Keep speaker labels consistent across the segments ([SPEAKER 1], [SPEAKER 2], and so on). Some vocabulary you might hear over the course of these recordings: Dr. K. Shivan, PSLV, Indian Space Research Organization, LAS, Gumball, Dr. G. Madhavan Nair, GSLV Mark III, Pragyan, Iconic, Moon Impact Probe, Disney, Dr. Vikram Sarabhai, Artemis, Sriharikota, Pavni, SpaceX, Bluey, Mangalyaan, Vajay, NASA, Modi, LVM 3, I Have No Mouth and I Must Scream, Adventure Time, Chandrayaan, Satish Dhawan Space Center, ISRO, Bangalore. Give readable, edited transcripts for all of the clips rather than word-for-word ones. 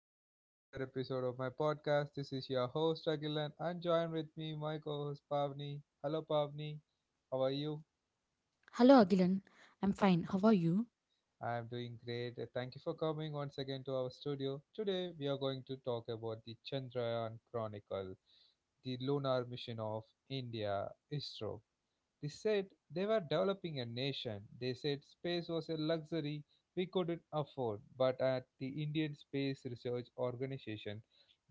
[SPEAKER 1] back to the another episode of my podcast. This is your host Agilan and join with me my co-host Pavni. Hello Pavni, how are you?
[SPEAKER 2] Hello, Agilan. I'm fine. How are you?
[SPEAKER 1] I am doing great. Thank you for coming once again to our studio. Today we are going to talk about the Chandrayaan Chronicle, the lunar mission of India, ISRO. They said they were developing a nation. They said space was a luxury we couldn't afford. But at the Indian Space Research Organization,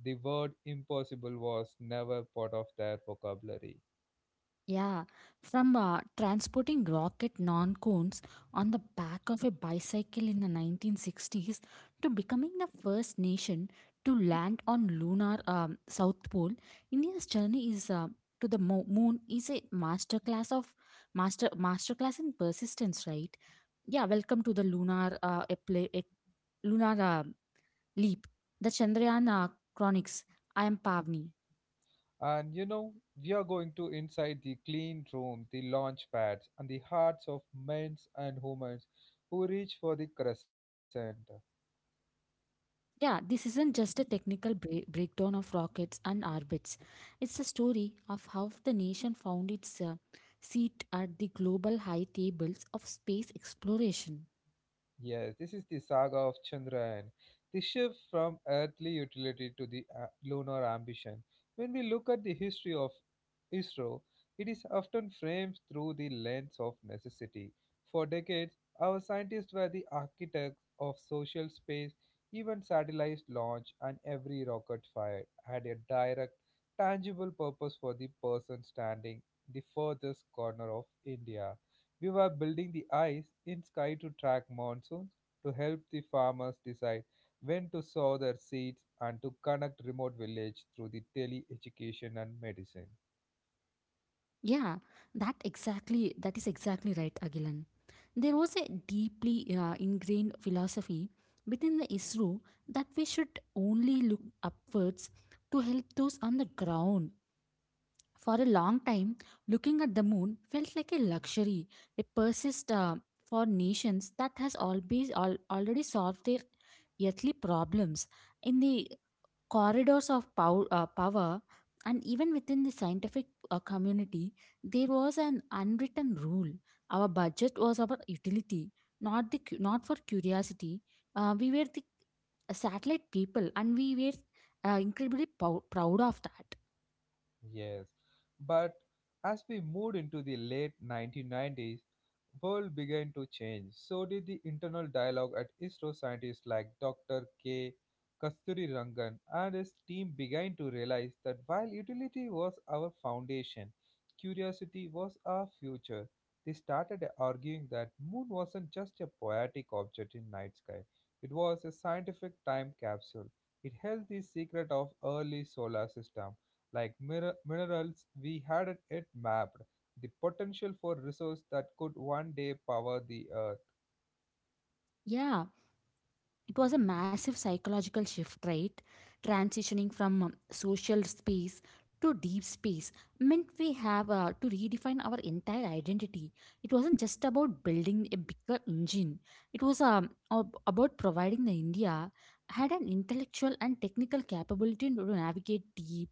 [SPEAKER 1] the word impossible was never part of their vocabulary.
[SPEAKER 2] Yeah, from transporting rocket non cones on the back of a bicycle in the 1960s to becoming the first nation to land on lunar South Pole. India's journey is to the mo- moon is a masterclass of master masterclass in persistence, right? Yeah, welcome to the lunar a play, a lunar leap, the Chandrayaan Chronics. I am Pavni.
[SPEAKER 1] And we are going to inside the clean room, the launch pads, and the hearts of men and women who reach for the crescent.
[SPEAKER 2] Yeah, this isn't just a technical breakdown of rockets and orbits. It's a story of how the nation found its seat at the global high tables of space exploration.
[SPEAKER 1] Yes, this is the saga of Chandrayaan, the shift from earthly utility to the lunar ambition. When we look at the history of ISRO, it is often framed through the lens of necessity. For decades, our scientists were the architects of social space, even satellite launch and every rocket fired had a direct, tangible purpose for the person standing in the furthest corner of India. We were building the eyes in sky to track monsoons, to help the farmers decide when to sow their seeds, and to connect remote villages through the tele education and medicine.
[SPEAKER 2] Yeah, that is exactly right, Agilan. There was a deeply ingrained philosophy within the ISRO that we should only look upwards to help those on the ground. For a long time, looking at the moon felt like a luxury, a persist for nations that has always already solved their earthly problems. In the corridors of power, and even within the scientific community, there was an unwritten rule: our budget was our utility, not the cu- not for curiosity. We were the satellite people, and we were incredibly proud of that.
[SPEAKER 1] Yes, but as we moved into the late 1990s, world began to change. So did the internal dialogue at ISRO. Scientists like Dr. K. Kasturi Rangan and his team began to realize that while utility was our foundation, curiosity was our future. They started arguing that moon wasn't just a poetic object in night sky. It was a scientific time capsule. It held the secret of early solar system like minerals, we hadn't yet mapped the potential for resource that could one day power the earth.
[SPEAKER 2] Yeah, it was a massive psychological shift, right? Transitioning from social space to deep space meant we have to redefine our entire identity. It wasn't just about building a bigger engine. It was about providing the India had an intellectual and technical capability to navigate deep,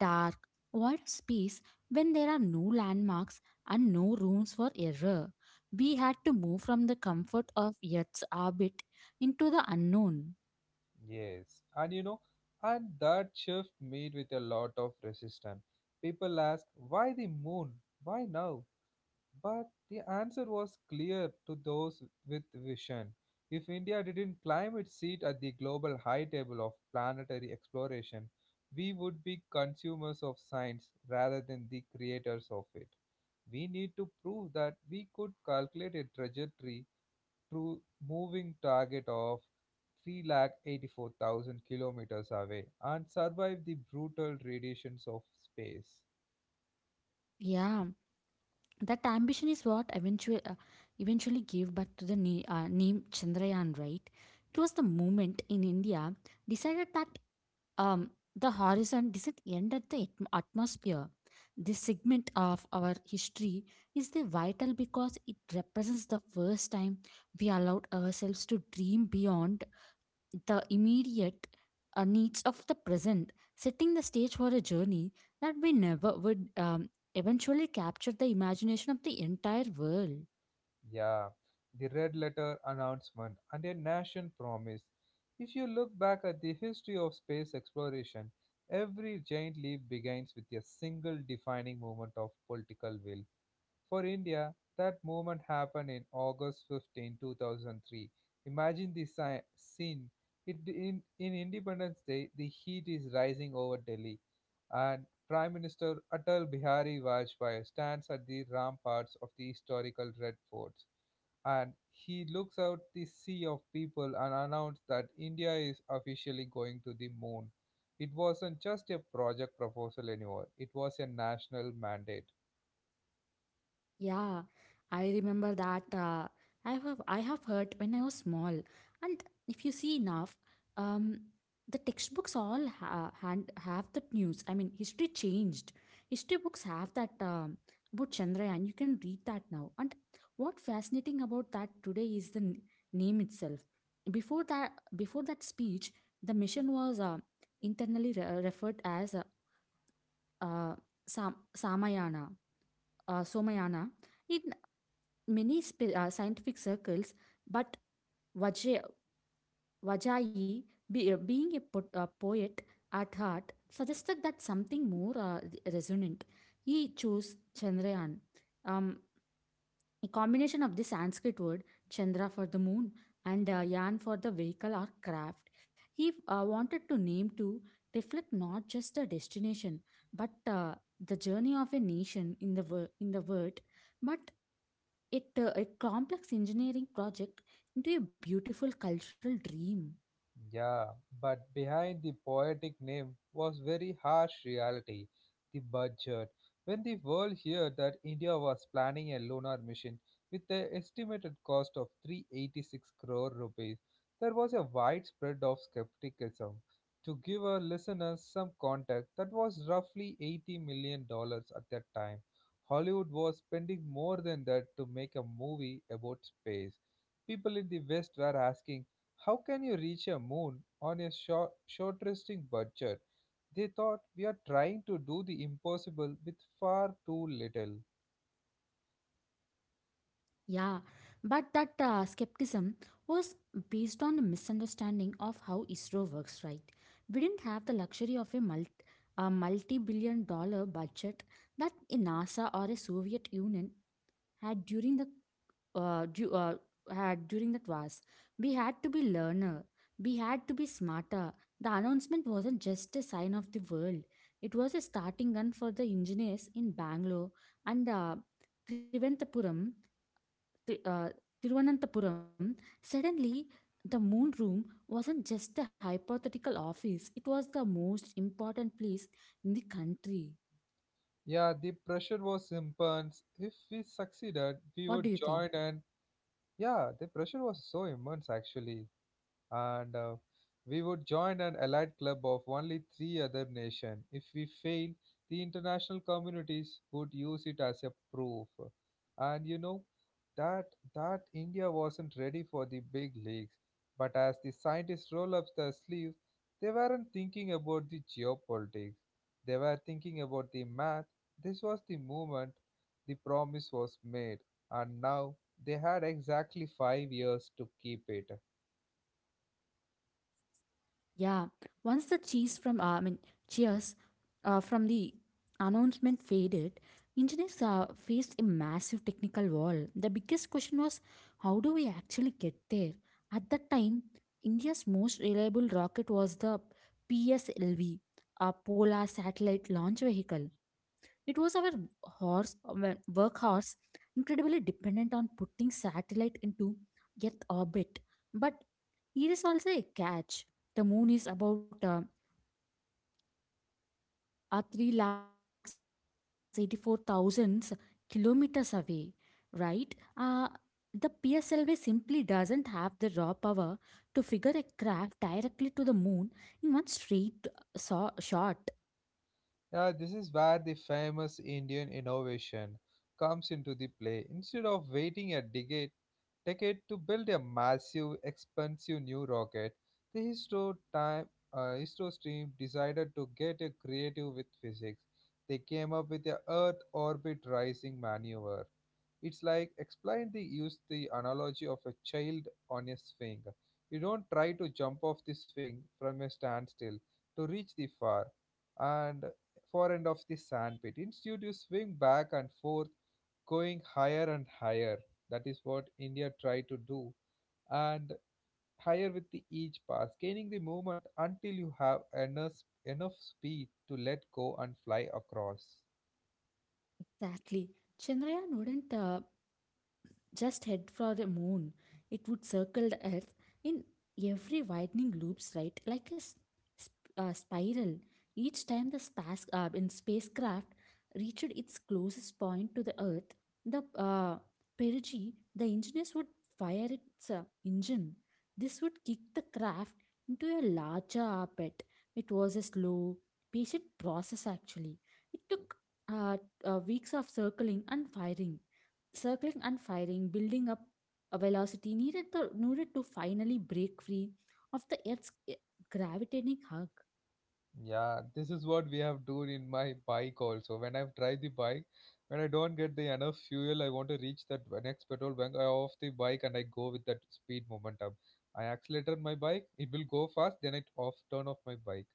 [SPEAKER 2] dark, wide space, when there are no landmarks and no rooms for error. We had to move from the comfort of Earth's orbit into the unknown.
[SPEAKER 1] Yes, and that shift meet with a lot of resistance. People ask, why the moon? Why now? But the answer was clear to those with vision. If India didn't climb its seat at the global high table of planetary exploration, we would be consumers of science rather than the creators of it. We need to prove that we could calculate a trajectory through moving target of 384,000 kilometers away and survive the brutal radiations of space.
[SPEAKER 2] Yeah, that ambition is what eventually gave birth to the name Chandrayaan. Right, it was the moment in India decided that um, the horizon doesn't end at the atmosphere. This segment of our history is the vital, because it represents the first time we allowed ourselves to dream beyond the immediate needs of the present, setting the stage for a journey that we never would eventually capture the imagination of the entire world.
[SPEAKER 1] Yeah, the red letter announcement and a nation promise. If you look back at the history of space exploration, every giant leap begins with a single defining moment of political will. For India, that moment happened in August 15, 2003. Imagine the scene. In Independence Day, the heat is rising over Delhi, and Prime Minister Atal Bihari Vajpayee stands at the ramparts of the historical Red Fort and he looks out the sea of people and announced that India is officially going to the moon. It wasn't just a project proposal anymore, it was a national mandate.
[SPEAKER 2] Yeah, I remember that. I have heard when I was small, and if you see enough, um, the textbooks all ha- hand have that news. I mean, history changed. History books have that about Chandrayaan. You can read that now. And what fascinating about that today is the name itself. Before that speech, the mission was internally referred as uh, Sam- Samayana, Somayana. It many scientific circles, but Vajay, Vajai, being a poet at heart, suggested that something more resonant. He chose Chandrayaan, um, a combination of the Sanskrit word Chandra for the moon and Yan for the vehicle or craft. He wanted to name to reflect not just a destination, but the journey of a nation in the world. But it a complex engineering project into a beautiful cultural dream.
[SPEAKER 1] Yeah, but behind the poetic name was very harsh reality, the budget. When the world heard that India was planning a lunar mission with an estimated cost of 386 crore rupees, there was a widespread of skepticism. To give our listeners some context, that was roughly $80 million at that time. Hollywood was spending more than that to make a movie about space. People in the West were asking, how can you reach a moon on a short-resting budget? They thought we are trying to do the impossible with far too little.
[SPEAKER 2] Yeah, but that skepticism was based on a misunderstanding of how ISRO works, right? We didn't have the luxury of a multi-billion dollar budget that a NASA or a Soviet Union had during the uh, du- uh, had during that was. We had to be learner, we had to be smarter. The announcement wasn't just a sign of the world, it was a starting gun for the engineers in Bangalore and trivantapuram Tri- uh, Thiruvananthapuram. Suddenly, the moon room wasn't just a hypothetical office, it was the most important place in the country.
[SPEAKER 1] Yeah, the pressure was immense. If
[SPEAKER 2] What do you
[SPEAKER 1] we
[SPEAKER 2] think?
[SPEAKER 1] succeeded, we would join. And Yeah, the pressure was so immense actually. And we would join an allied club of only three other nations. If we fail, the international communities would use it as a proof. And you know that that India wasn't ready for the big leagues. But as the scientists roll up their sleeves, they weren't thinking about the geopolitics. They were thinking about the math. This was the moment the promise was made, and now they had exactly 5 years to keep it.
[SPEAKER 2] Yeah, once the cheese from I mean, cheers from the announcement faded, engineers faced a massive technical wall. The biggest question was, how do we actually get there? At that time, India's most reliable rocket was the PSLV, a Polar Satellite Launch Vehicle. It was our workhorse, incredibly dependent on putting satellite into Earth orbit. But here is also a catch. The moon is about are 384,000 kilometers away, right? The PSLV simply doesn't have the raw power to figure a craft directly to the moon in one straight shot.
[SPEAKER 1] Yeah, this is where the famous Indian innovation comes into the play. Instead of waiting a decade to build a massive, expensive new rocket, the histo team decided to get a creative with physics. They came up with the Earth orbit rising maneuver. It's like explain the use the analogy of a child on a swing. You don't try to jump off the swing from a standstill to reach the far and far end of the sandpit. Instead, you swing back and forth, going higher and higher. That is what India tried to do, and higher with the each pass, gaining the movement until you have enough speed to let go and fly across.
[SPEAKER 2] Exactly. Chandrayaan wouldn't just head for the moon. It would circle the Earth in every widening loops, right? Like a spiral. Each time the spas- in spacecraft reached its closest point to the Earth, the perigee, the engineers would fire its engine. This would kick the craft into a larger orbit. It was a slow, patient process actually. It took uh, weeks of circling and firing, circling and firing, building up a velocity needed to finally break free of the Earth's gravitating hug.
[SPEAKER 1] Yeah, this is what we have done in my bike also. When I've tried the bike, when I don't get the enough fuel, I want to reach that next petrol bank. I off the bike and I go with that speed momentum. I accelerated my bike, it will go fast. Then I off turn off my bike.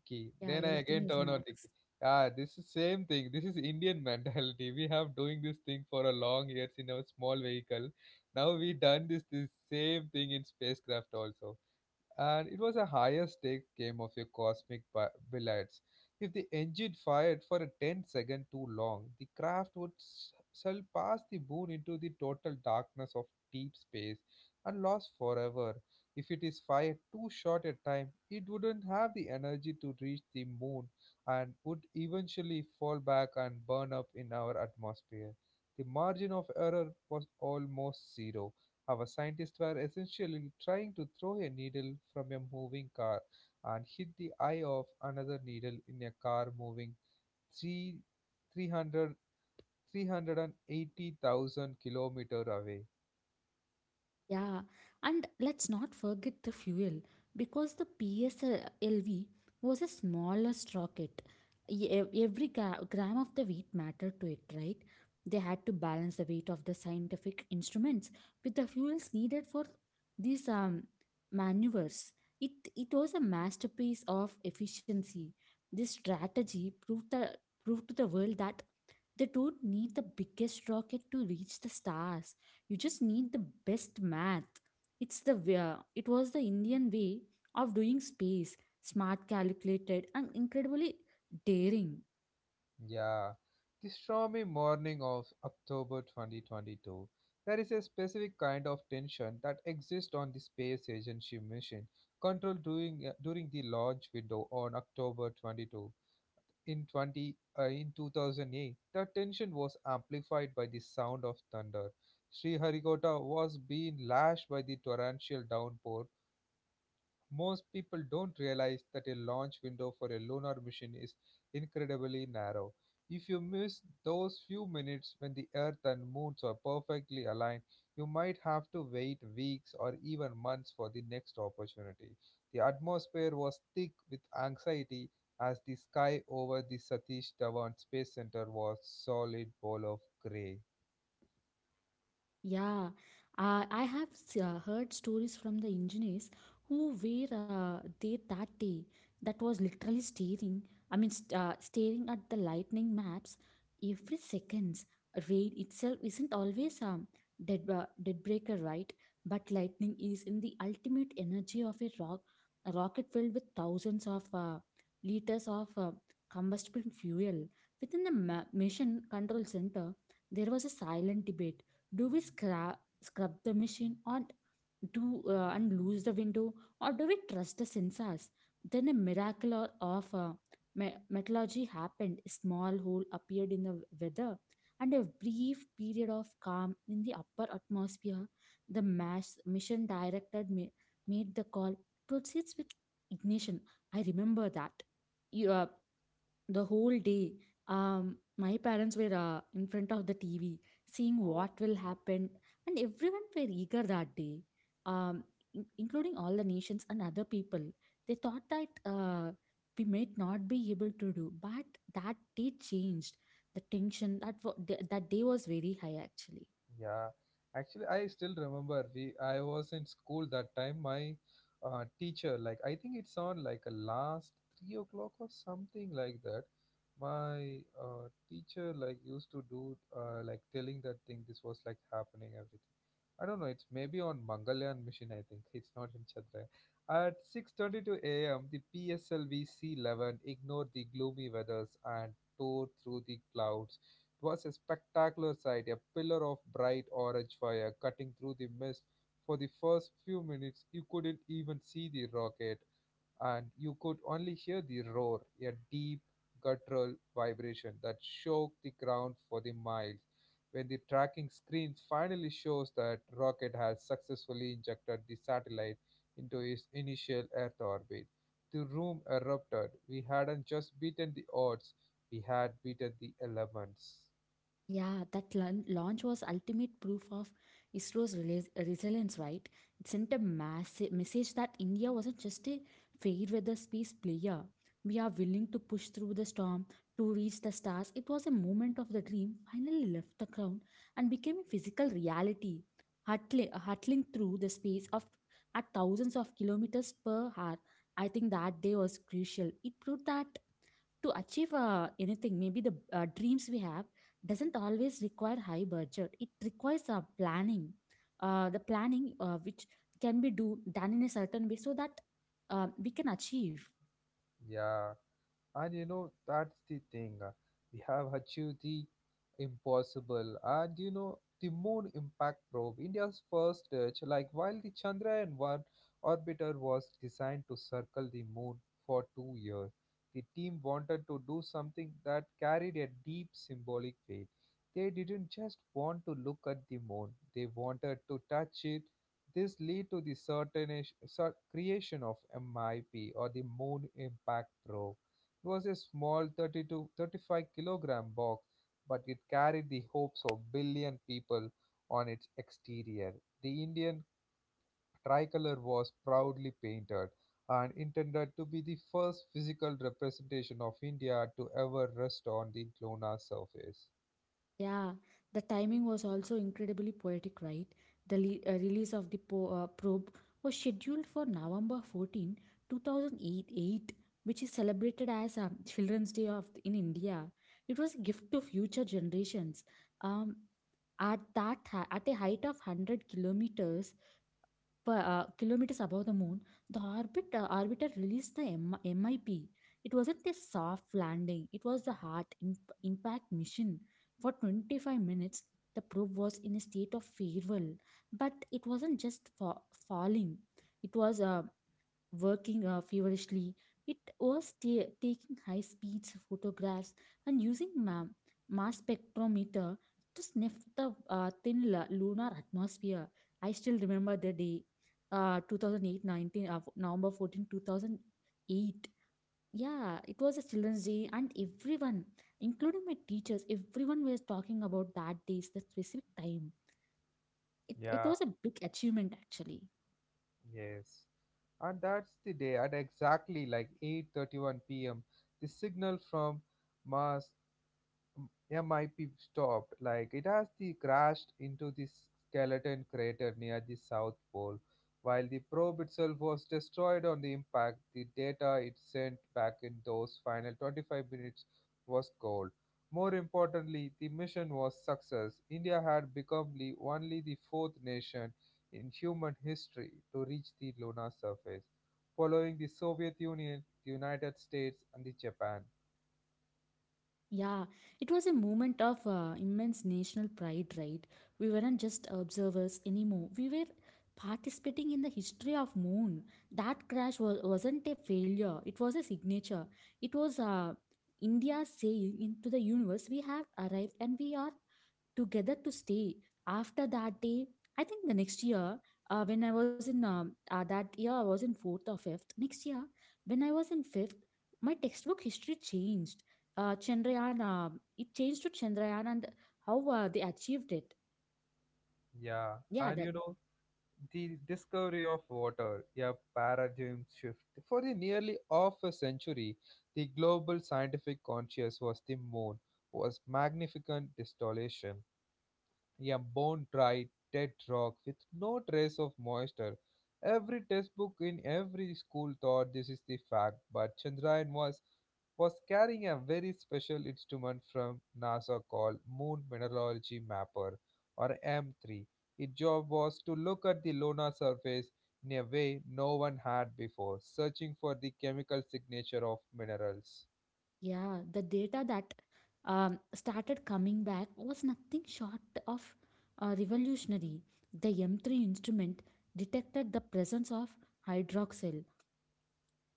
[SPEAKER 1] Okay,
[SPEAKER 2] Yeah,
[SPEAKER 1] then I
[SPEAKER 2] everything
[SPEAKER 1] again
[SPEAKER 2] is
[SPEAKER 1] turn on the
[SPEAKER 2] max.
[SPEAKER 1] key. Yeah, this is same thing. This is Indian mentality. We have doing this thing for a long years in our small vehicle. Now we done this same thing in spacecraft also, and it was a higher stake game of your cosmic billets. If the engine fired for a ten-second too long, the craft would sail past the moon into the total darkness of deep space and lost forever. If it is fired too short a time, it wouldn't have the energy to reach the moon and would eventually fall back and burn up in our atmosphere. The margin of error was almost zero. Our scientists were essentially trying to throw a needle from a moving car and hit the eye of another needle in a car moving 3, 300, 380,000 kilometer away.
[SPEAKER 2] Yeah, and let's not forget the fuel, because the PSLV was a smallest rocket. Every gram of the weight mattered to it, right? They had to balance the weight of the scientific instruments with the fuels needed for these maneuvers. It was a masterpiece of efficiency. This strategy proved to the world that they don't need the biggest rocket to reach the stars. You just need the best math. It's It was the Indian way of doing space: smart, calculated, and incredibly daring.
[SPEAKER 1] Yeah. The stormy morning of October 2022, there is a specific kind of tension that exists on the space agency mission control during the launch window on October 22. In 20 in 2008, the tension was amplified by the sound of thunder. Sriharikota was being lashed by the torrential downpour. Most people don't realize that a launch window for a lunar mission is incredibly narrow. If you miss those few minutes when the Earth and Moon are perfectly aligned, you might have to wait weeks or even months for the next opportunity. The atmosphere was thick with anxiety as the sky over the Satish Dhawan Space Center was solid ball of gray.
[SPEAKER 2] Yeah, I have heard stories from the engineers who were there that day, that was literally staring, I mean, st staring at the lightning maps every seconds. Rain itself isn't always a dead breaker, right? But lightning is in the ultimate energy of a rocket filled with thousands of liters of combustible fuel. Within the ma mission control center, there was a silent debate. Do we scrub the machine, or do and lose the window, or do we trust the sensors? Then, a miracle of metallurgy happened. A small hole appeared in the weather, and a brief period of calm in the upper atmosphere. The mass mission director made the call: proceeds with ignition. I remember that. You, the whole day, my parents were in front of the TV, seeing what will happen. And everyone were eager that day, um including all the nations and other people. They thought that we might not be able to do, but that day changed the tension. That day was very high actually.
[SPEAKER 1] Yeah, actually, I still remember we. I was in school that time. My teacher, like, I think it's on like a last 3 o'clock or something like that. My teacher like used to do like telling that thing. This was like happening everything. I don't know. It's maybe on Mangalyaan mission. I think it's not in Chandrayaan. At 6:22 a.m., the PSLV C11 ignored the gloomy weathers and tore through the clouds. It was a spectacular sight, a pillar of bright orange fire cutting through the mist. For the first few minutes, you couldn't even see the rocket, and you could only hear the roar, a deep, guttural vibration that shook the ground for the miles. When the tracking screen finally shows that rocket has successfully injected the satellite into its initial Earth orbit, the room erupted. We hadn't just beaten the odds, we had beaten the elements.
[SPEAKER 2] Yeah, that launch was ultimate proof of ISRO's resilience, right? It sent a massive message that India wasn't just a fair weather space player. We are willing to push through the storm to reach the stars. It was a moment of the dream finally left the ground and became a physical reality, hurtling through the space of at thousands of kilometers per hour. I think that day was crucial. It proved that to achieve anything, maybe the dreams we have doesn't always require high budget, it requires planning the planning which can be do done in a certain way so that we can achieve.
[SPEAKER 1] Yeah, and that's the thing. We have achieved the impossible. And the moon impact probe, India's first touch, like while the Chandrayaan 1 orbiter was designed to circle the moon for 2 years, the team wanted to do something that carried a deep symbolic weight. They didn't just want to look at the moon, they wanted to touch it. This lead to the certain creation of MIP or the Moon Impact Probe. It was a small 35 kilogram box, but it carried the hopes of billion people on its exterior. The Indian tricolor was proudly painted and intended to be the first physical representation of India to ever rest on the lunar surface.
[SPEAKER 2] Yeah, the timing was also incredibly poetic, right? The release of the probe was scheduled for November 14 2008, which is celebrated as Children's Day of in India. It was a gift to future generations. um, At at a height of 100 kilometers per kilometers above the moon, the orbit orbiter released the MIP. It wasn't a soft landing; it was the hard impact mission. For 25 minutes, the probe was in a state of farewell, but it wasn't just falling. It was working feverishly. It was taking high speeds photographs and using mass spectrometer to sniff the thin lunar atmosphere. I still remember the day, 2008 19 November 14, 2008. Yeah, it was a Children's Day, and everyone, including my teachers, everyone was talking about that day's the specific time. It
[SPEAKER 1] Yeah.
[SPEAKER 2] was a big achievement actually.
[SPEAKER 1] Yes. And that's the day at exactly like 8:31 p.m. The signal from Mars yeah, might be stopped. Like it has the crashed into this skeleton crater near the South Pole. While the probe itself was destroyed on the impact, the data it sent back in those final 25 minutes was gold. More importantly, the mission was success. India had become the only the fourth nation in human history to reach the lunar surface, following the Soviet Union, the United States, and the Japan.
[SPEAKER 2] Yeah, it was a moment of immense national pride, right? We weren't just observers anymore. We were participating in the history of moon. That crash wasn't a failure. It was a signature. It was India saying into the universe, we have arrived and we are together to stay. After that day, I think the next year, when I was in that year I was in fourth or fifth, next year when I was in fifth, my textbook history changed. Chandrayaan It changed to Chandrayaan and how they achieved it.
[SPEAKER 1] Yeah,
[SPEAKER 2] Yeah,
[SPEAKER 1] and
[SPEAKER 2] that.
[SPEAKER 1] the discovery of water, a paradigm shift. For the nearly half a century, the global scientific conscious was the moon, was magnificent distillation, a bone dry, dead rock with no trace of moisture. Every textbook in every school thought this is the fact, but Chandrayaan was carrying a very special instrument from NASA called Moon Mineralogy Mapper or M3. Its job was to look at the lunar surface in a way no one had before, searching for the chemical signature of minerals.
[SPEAKER 2] Yeah, the data that started coming back was nothing short of revolutionary. The M3 instrument detected the presence of hydroxyl,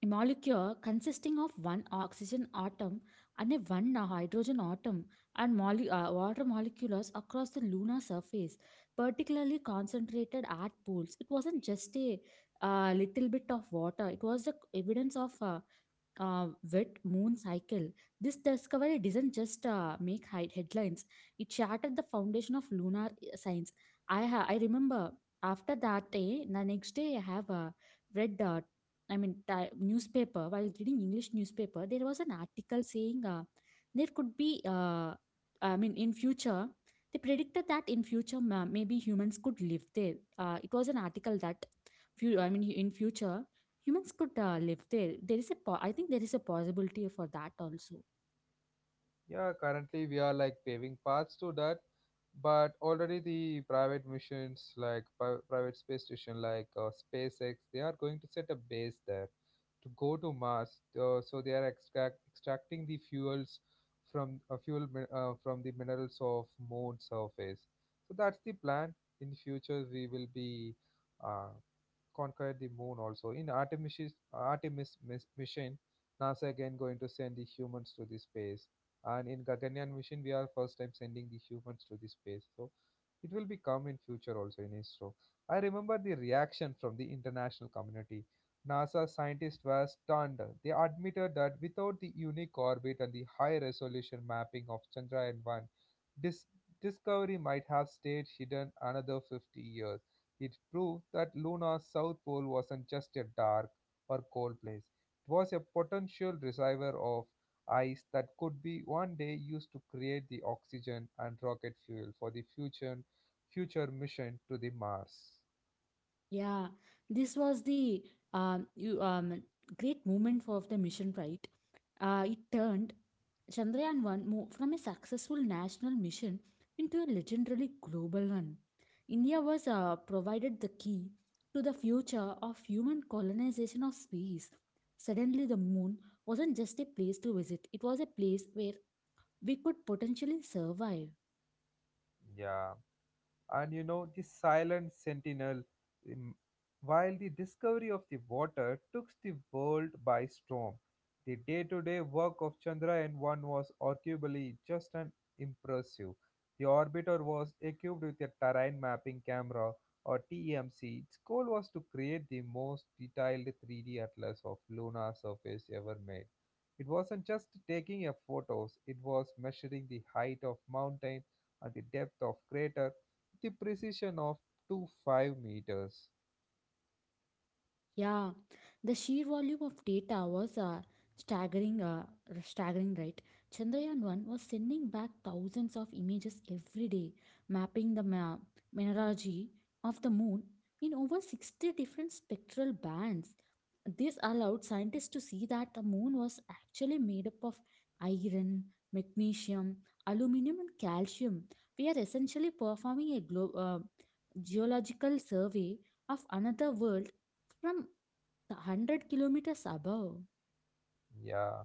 [SPEAKER 2] a molecule consisting of one oxygen atom and a one hydrogen atom, and water molecules across the lunar surface, particularly concentrated at pools. It wasn't just a little bit of water, it was the evidence of uh, wet moon cycle. This discovery does not just make high headlines; it shattered the foundation of lunar science. I remember after that day, the next day I have read. I mean, newspaper while reading English newspaper, there was an article saying there could be. I mean, in future, they predicted that in future maybe humans could live there. It was an article that few. I mean, in future humans could live there. There is a I think there is a possibility for that also.
[SPEAKER 1] Yeah, currently we are like paving paths to that, but already the private missions like private space station like SpaceX, they are going to set a base there to go to Mars. So they are extracting the fuels from the minerals of moon surface. So that's the plan. In future, we will be uh, conquered the moon also. In Artemis mission, NASA again going to send the humans to the space. And in Gaganyaan mission, we are first time sending the humans to the space. So it will be come in future also in ISRO. I remember the reaction from the international community. NASA scientists were stunned. They admitted that without the unique orbit and the high resolution mapping of Chandrayaan 1, this discovery might have stayed hidden another 50 years. It proved that Luna's south pole wasn't just a dark or cold place, it was a potential reservoir of ice that could be one day used to create the oxygen and rocket fuel for the future mission to the Mars.
[SPEAKER 2] Yeah, this was the um, you, um, great moment of the mission, right? It turned Chandrayaan 1 from a successful national mission into a legendary global one. India was provided the key to the future of human colonization of space. Suddenly the moon wasn't just a place to visit, it was a place where we could potentially survive.
[SPEAKER 1] Yeah. And the silent sentinel. um, while the discovery of the water took the world by storm, the day-to-day work of Chandrayaan 1 was arguably just an impressive. The orbiter was equipped with a terrain mapping camera or TEMC. Its goal was to create the most detailed 3D atlas of lunar surface ever made. It wasn't just taking a photos, it was measuring the height of mountain and the depth of crater the precision of to 5 meters.
[SPEAKER 2] Yeah, the sheer volume of data was staggering, staggering, right? Chandrayaan 1 was sending back thousands of images every day, mapping the mineralogy of the moon in over 60 different spectral bands. This allowed scientists to see that the moon was actually made up of iron, magnesium, aluminum, and calcium. We are essentially performing a geological survey of another world from the 100 kilometers above.
[SPEAKER 1] Yeah,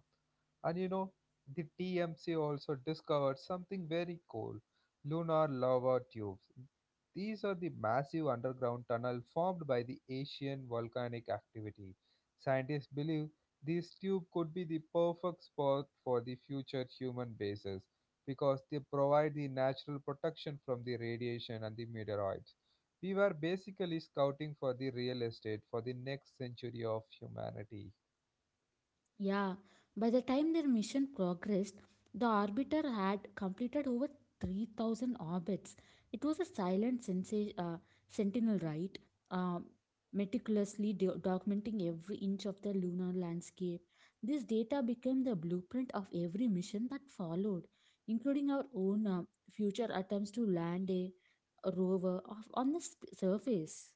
[SPEAKER 1] and you know, the TMC also discovered something very cool lunar lava tubes. These are the massive underground tunnel formed by the Asian volcanic activity. Scientists believe this tube could be the perfect spot for the future human bases because they provide the natural protection from the radiation and the meteoroids. We were basically scouting for the real estate for the next century of humanity.
[SPEAKER 2] Yeah, by the time their mission progressed, the orbiter had completed over 3,000 orbits. It was a silent sentinel, right? Um, meticulously documenting every inch of the lunar landscape. This data became the blueprint of every mission that followed, including our own future attempts to land a rover off on the surface.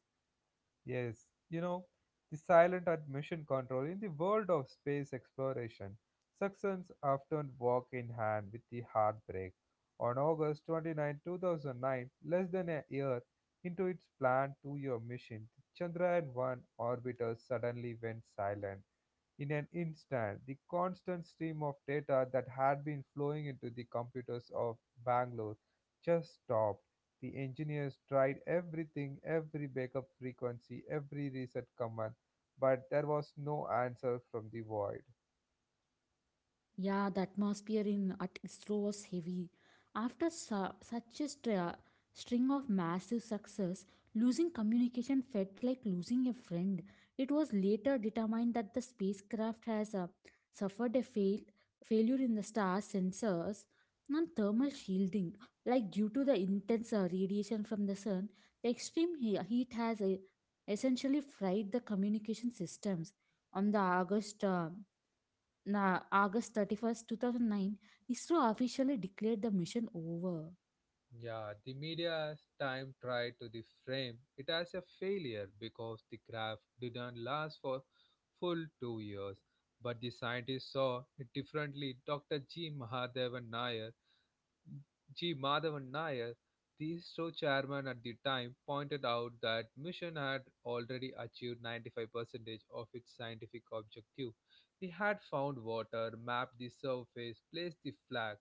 [SPEAKER 1] Yes, you know, the silent and mission control in the world of space exploration. Success often walk in hand with the heartbreak. On August 29, 2009, less than a year into its planned 2-year mission, the Chandrayaan-1 orbiter suddenly went silent. In an instant, the constant stream of data that had been flowing into the computers of Bangalore just stopped. The engineers tried everything, every backup frequency, every reset command, but there was no answer from the void.
[SPEAKER 2] Yeah, the atmosphere in at ISRO was heavy. After such a string of massive success, losing communication felt like losing a friend. It was later determined that the spacecraft has suffered a failure in the star sensors and thermal shielding. Like due to the intense radiation from the sun, the extreme heat has essentially fried the communication systems. On the August na August 31st, 2009, ISRO officially declared the mission over.
[SPEAKER 1] Yeah, the media time tried to the frame it as a failure because the craft didn't last for full 2 years. But the scientists saw it differently. Dr. G. Madhavan Nair, the ISRO chairman at the time, pointed out that mission had already achieved 95% of its scientific objective. We had found water, mapped the surface, placed the flag,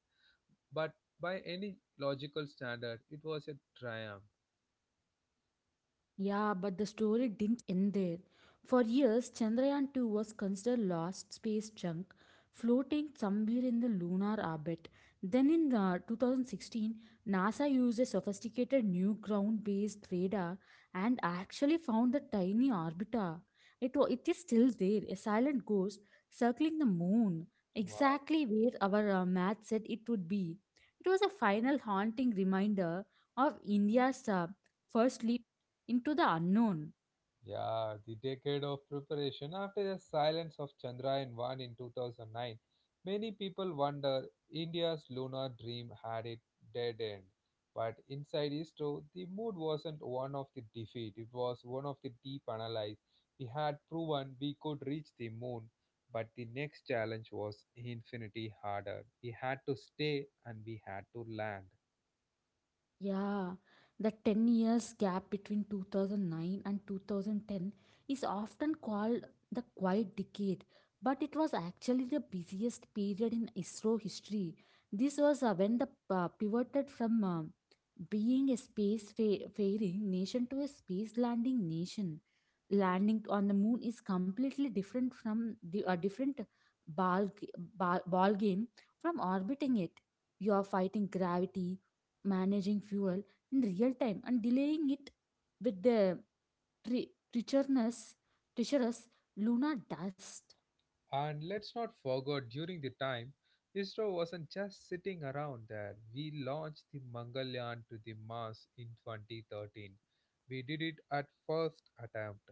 [SPEAKER 1] but by any logical standard, it was a triumph.
[SPEAKER 2] Yeah, but the story didn't end there. For years, Chandrayaan 2 was considered lost space junk floating somewhere in the lunar orbit. Then in 2016, NASA used a sophisticated new ground-based radar and actually found the tiny orbiter. It is still there, a silent ghost circling the moon,
[SPEAKER 1] Wow.
[SPEAKER 2] exactly where our math said it would be. It was a final haunting reminder of India's first leap into the unknown.
[SPEAKER 1] Yeah, the decade of preparation after the silence of Chandrayaan 1 in 2009, many people wonder India's lunar dream had a dead end. But inside ISRO, the mood wasn't one of the defeat, it was one of the deep analysis. We had proven we could reach the moon, but the next challenge was infinity harder. We had to stay and we had to land.
[SPEAKER 2] Yeah, the 10 years gap between 2009 and 2010 is often called the quiet decade, but it was actually the busiest period in ISRO history. This was when the pivoted from being a space faring nation to a space landing nation. Landing on the moon is completely different from the a different ball, g- ball ball game from orbiting it. You are fighting gravity, managing fuel in real time and delaying it with the tre- treacherous, treacherous lunar dust.
[SPEAKER 1] And let's not forget, during the time, ISRO wasn't just sitting around there. We launched the Mangalyaan to the Mars in 2013. We did it at first attempt.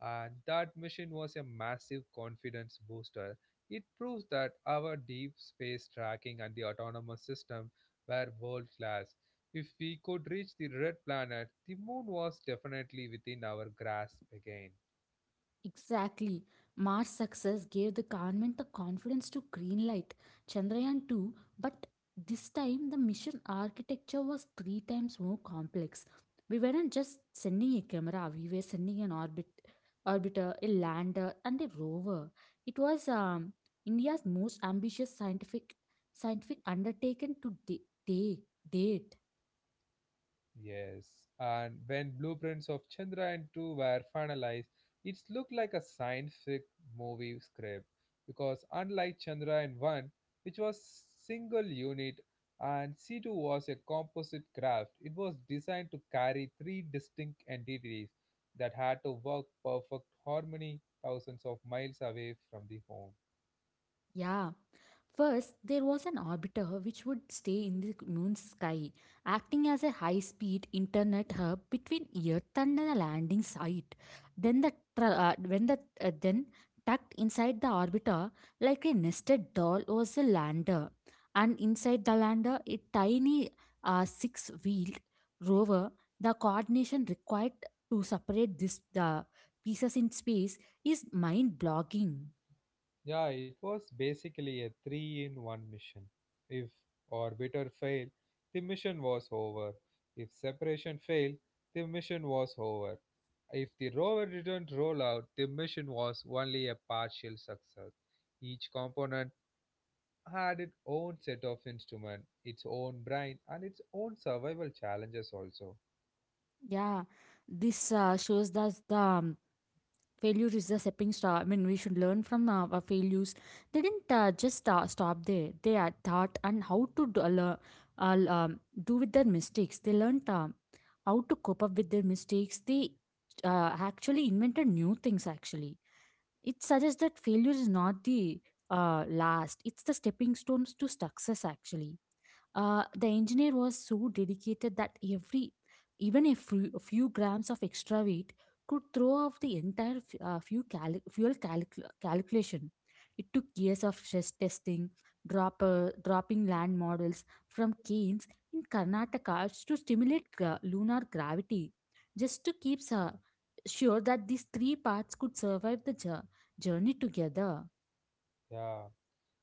[SPEAKER 1] And that mission was a massive confidence booster. It proves that our deep space tracking and the autonomous system were world class. If we could reach the red planet, the moon was definitely within our grasp again.
[SPEAKER 2] Exactly. Mars success gave the government the confidence to greenlight Chandrayaan 2, but this time the mission architecture was three times more complex. We weren't just sending a camera, we were sending an orbiter, a lander, and a rover. It was India's most ambitious scientific undertaking to da- take date.
[SPEAKER 1] Yes, and when blueprints of Chandra and 2 were finalized, it looked like a science fiction movie script because unlike Chandra and 1, which was single unit, and C2 was a composite craft. It was designed to carry three distinct entities that had to work perfect harmony thousands of miles away from the home.
[SPEAKER 2] Yeah. First, there was an orbiter which would stay in the moon's sky, acting as a high speed internet hub between Earth and the landing site. Then, the tra- when the then tucked inside the orbiter, like a nested doll, was a lander. And inside the lander, a tiny six wheeled rover, the coordination required to separate the pieces in space is mind blogging.
[SPEAKER 1] Yeah, it was basically a three in one mission. If orbiter failed, the mission was over. If separation failed, the mission was over. If the rover didn't roll out, the mission was only a partial success. Each component had its own set of instruments, its own brain, and its own survival challenges, also.
[SPEAKER 2] Yeah, this shows that the failure is the stepping stone. I mean, we should learn from our failures. They didn't just stop there. They are taught and how to do with their mistakes. They learned how to cope up with their mistakes. They actually invented new things. Actually. It suggests that failure is not the last, it's the stepping stones to success, actually. The engineer was so dedicated that even a few grams of extra weight could throw off the entire fuel calculation. It took years of stress testing, dropping land models from cairns in Karnataka to stimulate lunar gravity, just to keep sure that these three parts could survive the journey together.
[SPEAKER 1] Yeah.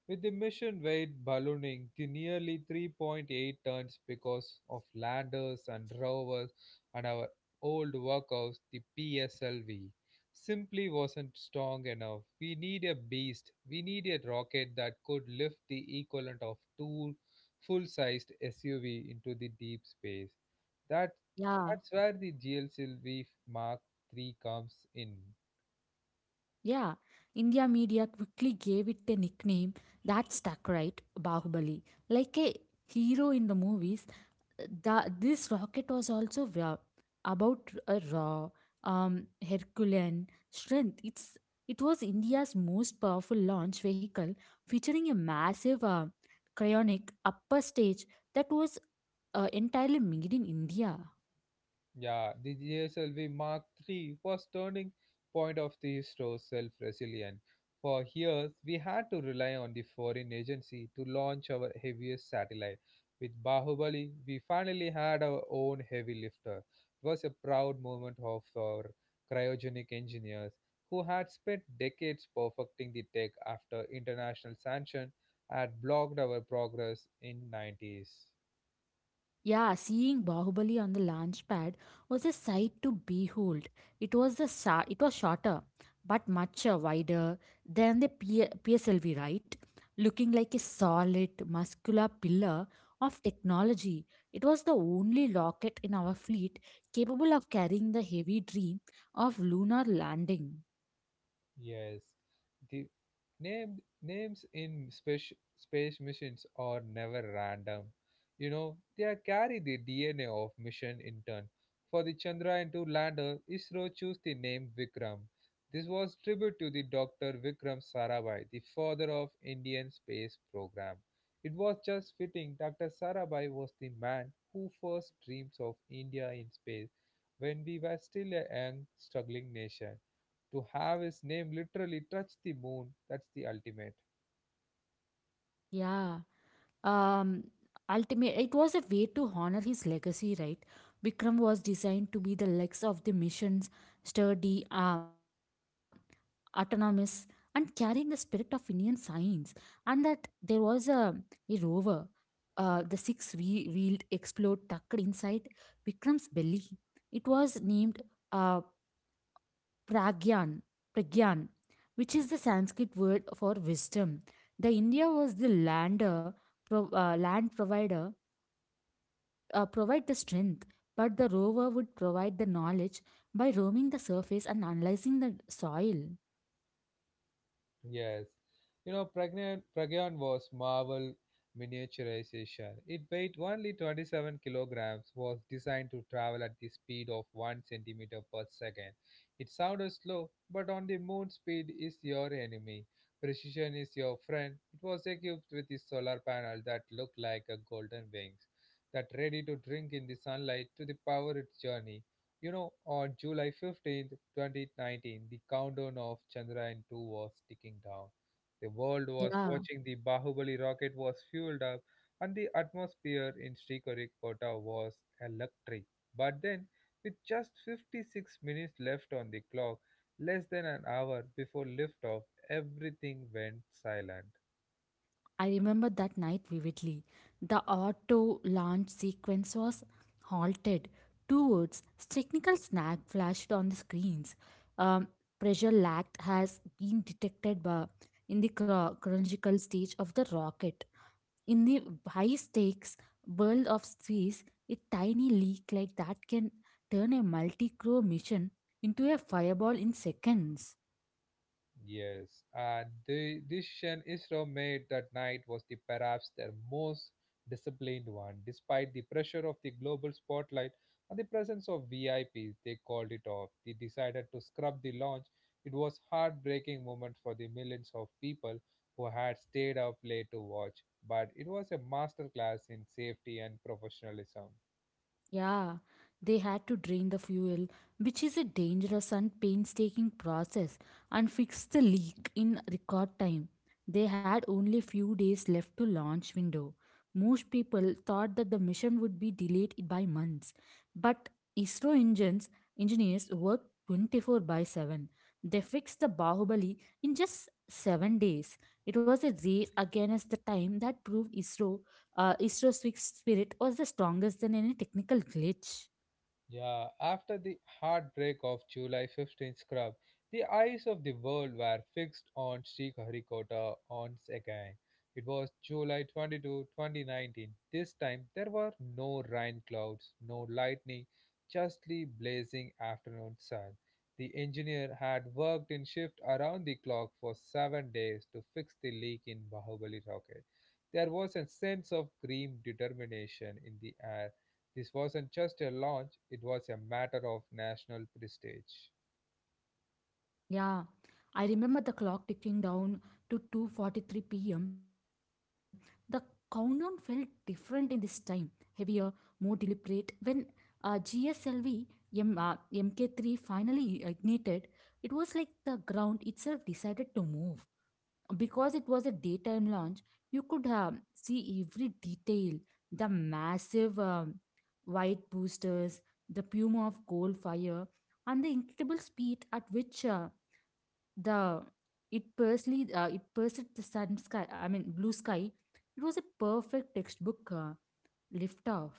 [SPEAKER 1] With the mission weight ballooning to nearly 3.8 tons because of landers and rovers and our old workhouse, the PSLV, simply wasn't strong enough. We need a beast. We need a rocket that could lift the equivalent of two full-sized SUV into the deep space. That
[SPEAKER 2] Yeah,
[SPEAKER 1] that's where the GLCLV Mark III comes in.
[SPEAKER 2] yeah. India media quickly gave it a nickname that stuck, right? Bahubali. Like a hero in the movies, this rocket was also about a raw, Herculean strength. It was India's most powerful launch vehicle, featuring a massive cryonic upper stage that was entirely made in India.
[SPEAKER 1] Yeah, the GSLV Mark III was turning point of the store's self-resilient. For years, we had to rely on the foreign agency to launch our heaviest satellite. With Bahubali, we finally had our own heavy lifter. It was a proud moment of our cryogenic engineers who had spent decades perfecting the tech after international sanction had blocked our progress in 90s.
[SPEAKER 2] Yeah, seeing Bahubali on the launch pad was a sight to behold. It was shorter, but much wider than the PSLV, right? Looking like a solid, muscular pillar of technology, it was the only rocket in our fleet capable of carrying the heavy dream of lunar landing.
[SPEAKER 1] Yes, the names in space missions are never random. You know, they carry the DNA of mission in turn. For the Chandrayaan-2 lander, ISRO chose the name Vikram. This was tribute to the Dr. Vikram Sarabhai, the father of Indian space program. It was just fitting Dr. Sarabhai was the man who first dreams of India in space when we were still a young, struggling nation. To have his name literally touch the moon, that's the ultimate.
[SPEAKER 2] Yeah. um Ultimate, it was a way to honor his legacy, right? Vikram was designed to be the legs of the missions, sturdy, autonomous, and carrying the spirit of Indian science. And that there was a rover, the six wheeled explode tucked inside Vikram's belly. It was named uh, pragyan pragyan, which is the Sanskrit word for wisdom. The india was the lander pro- land provider provide the strength, but the rover would provide the knowledge by roaming the surface and analyzing the soil.
[SPEAKER 1] Yes. You know, Pragyan was Marvel miniaturization. It weighed only 27 kilograms, was designed to travel at the speed of 1 centimeter per second. It sounded slow, but on the moon, speed is your enemy. Precision is your friend. It was equipped with a solar panel that looked like a golden wings, that ready to drink in the sunlight to the power its journey. You know, on July 15th, 2019, the countdown of Chandrayaan 2 was ticking down. The world was
[SPEAKER 2] Yeah,
[SPEAKER 1] watching the Bahubali rocket was fueled up, and the atmosphere in Sriharikota was electric. But then, with just 56 minutes left on the clock, less than an hour before liftoff, everything went silent.
[SPEAKER 2] I remember that night vividly. The auto launch sequence was halted. Two words, technical snag, flashed on the screens. Um, Pressure lacked has been detected in the chronological stage of the rocket. In the high stakes world of space, a tiny leak like that can turn a multi crew mission into a fireball in seconds.
[SPEAKER 1] Yes, and the decision Israel made that night was the perhaps their most disciplined one. Despite the pressure of the global spotlight and the presence of VIPs, they called it off. They decided to scrub the launch. It was heartbreaking moment for the millions of people who had stayed up late to watch, but it was a masterclass in safety and professionalism.
[SPEAKER 2] Yeah, they had to drain the fuel, which is a dangerous and painstaking process, and fix the leak in record time. They had only few days left to launch window. Most people thought that the mission would be delayed by months, but ISRO engines engineers worked 24/7. They fixed the Bahubali in just 7 days. It was a race against the time that proved Isro's Swift Spirit was the strongest than any technical glitch.
[SPEAKER 1] Yeah, after the heartbreak of July 15th, scrub, the eyes of the world were fixed on Sriharikota once again. It was July 22, 2019. This time there were no rain clouds, no lightning, just the blazing afternoon sun. The engineer had worked in shift around the clock for 7 days to fix the leak in Bahubali rocket. There was a sense of grim determination in the air. This wasn't just a launch, it was a matter of national prestige.
[SPEAKER 2] Yeah, I remember the clock ticking down to 2:43 p.m. The countdown felt different in this time, heavier, more deliberate. When GSLV MK3 finally ignited, it was like the ground itself decided to move. Because it was a daytime launch, you could see every detail: the massive white boosters, the puma of coal fire, and the incredible speed at which the it personally it pursued the sun sky, I mean, blue sky. It was a perfect textbook lift off.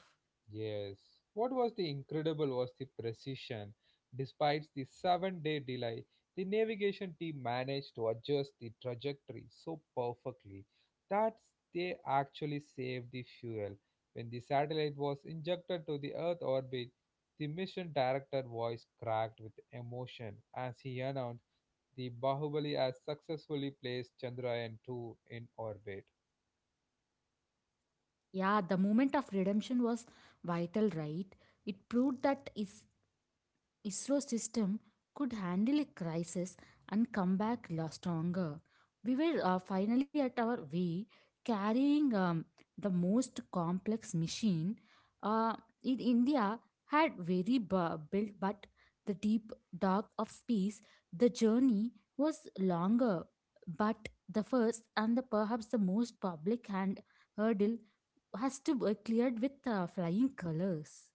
[SPEAKER 1] Yes. What was the incredible was the precision. Despite the 7 day delay, the navigation team managed to adjust the trajectory so perfectly that they actually saved the fuel. When the satellite was injected to the Earth orbit, the mission director voice cracked with emotion as he announced the Bahubali has successfully placed Chandrayaan 2 in orbit.
[SPEAKER 2] Yeah, the moment of redemption was vital, right? It proved that is ISRO system could handle a crisis and come back stronger. We were finally at our way, carrying the most complex machine. Uh, in India had very built, but the deep dark of space, the journey was longer. But the first and the perhaps the most public hand hurdle has to be cleared with flying colors.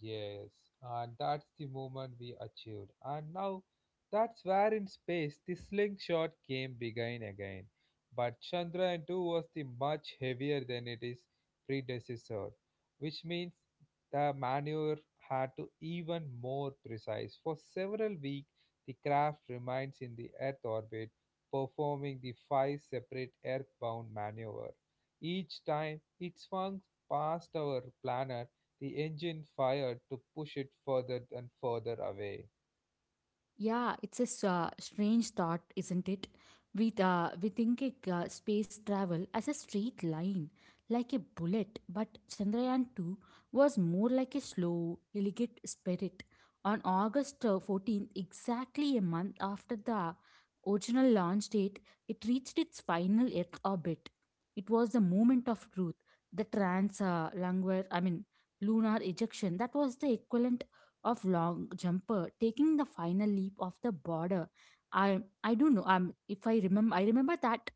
[SPEAKER 1] Yes, and that's the moment we achieved. And now that's where in space the slingshot game began again. But Chandrayaan 2 was the much heavier than it is predecessor, which means the maneuver had to even more precise. For several weeks, the craft remains in the Earth orbit, performing the five separate Earthbound maneuver. Each time it swung past our planet the engine fired to push it further and further away.
[SPEAKER 2] Yeah, it's a strange thought, isn't it? We think space travel as a straight line, like a bullet, but Chandrayaan 2 was more like a slow, elegant spirit. On August 14th, exactly a month after the original launch date, it reached its final Earth orbit. It was the moment of truth, the trans lunar, I mean, lunar ejection. That was the equivalent of long jumper taking the final leap of the border. I don't know. If I remember that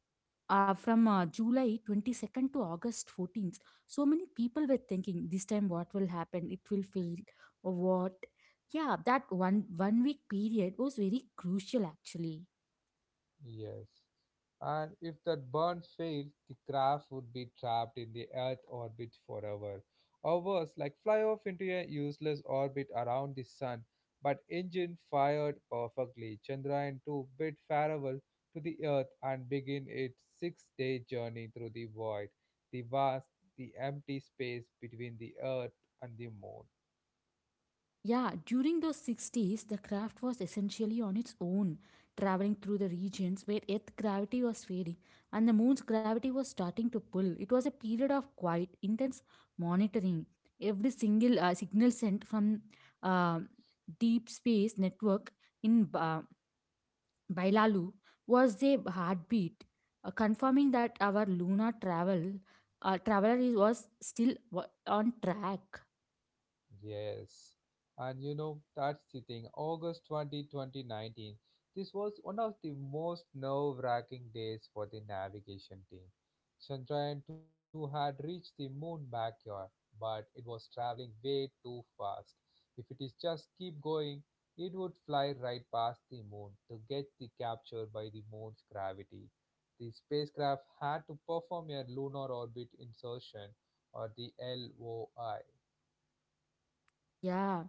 [SPEAKER 2] from July 22nd to August 14th, so many people were thinking this time, what will happen? It will fail or what? Yeah, that one week period was very crucial actually.
[SPEAKER 1] Yes. And if that burn failed, the craft would be trapped in the Earth orbit forever. Or worse, like fly off into a useless orbit around the sun. But engine fired perfectly. Chandrayaan 2 bid farewell to the Earth and begin its 6 day journey through the void, the vast, the empty space between the Earth and the moon.
[SPEAKER 2] Yeah, during those 60s, the craft was essentially on its own, traveling through the regions where Earth's gravity was fading and the moon's gravity was starting to pull. It was a period of quiet, intense monitoring. Every single signal sent from uh, deep space network in Bailalu was a heartbeat, confirming that our lunar traveler was still on track.
[SPEAKER 1] Yes, and you know, that's the thing. August 20th, 2019, this was one of the most nerve wracking days for the navigation team. Chandrayaan 2 had reached the moon backyard, but it was traveling way too fast. If it is just keep going, it would fly right past the moon to get the capture by the moon's gravity. The spacecraft had to perform a lunar orbit insertion or the LOI.
[SPEAKER 2] Yeah.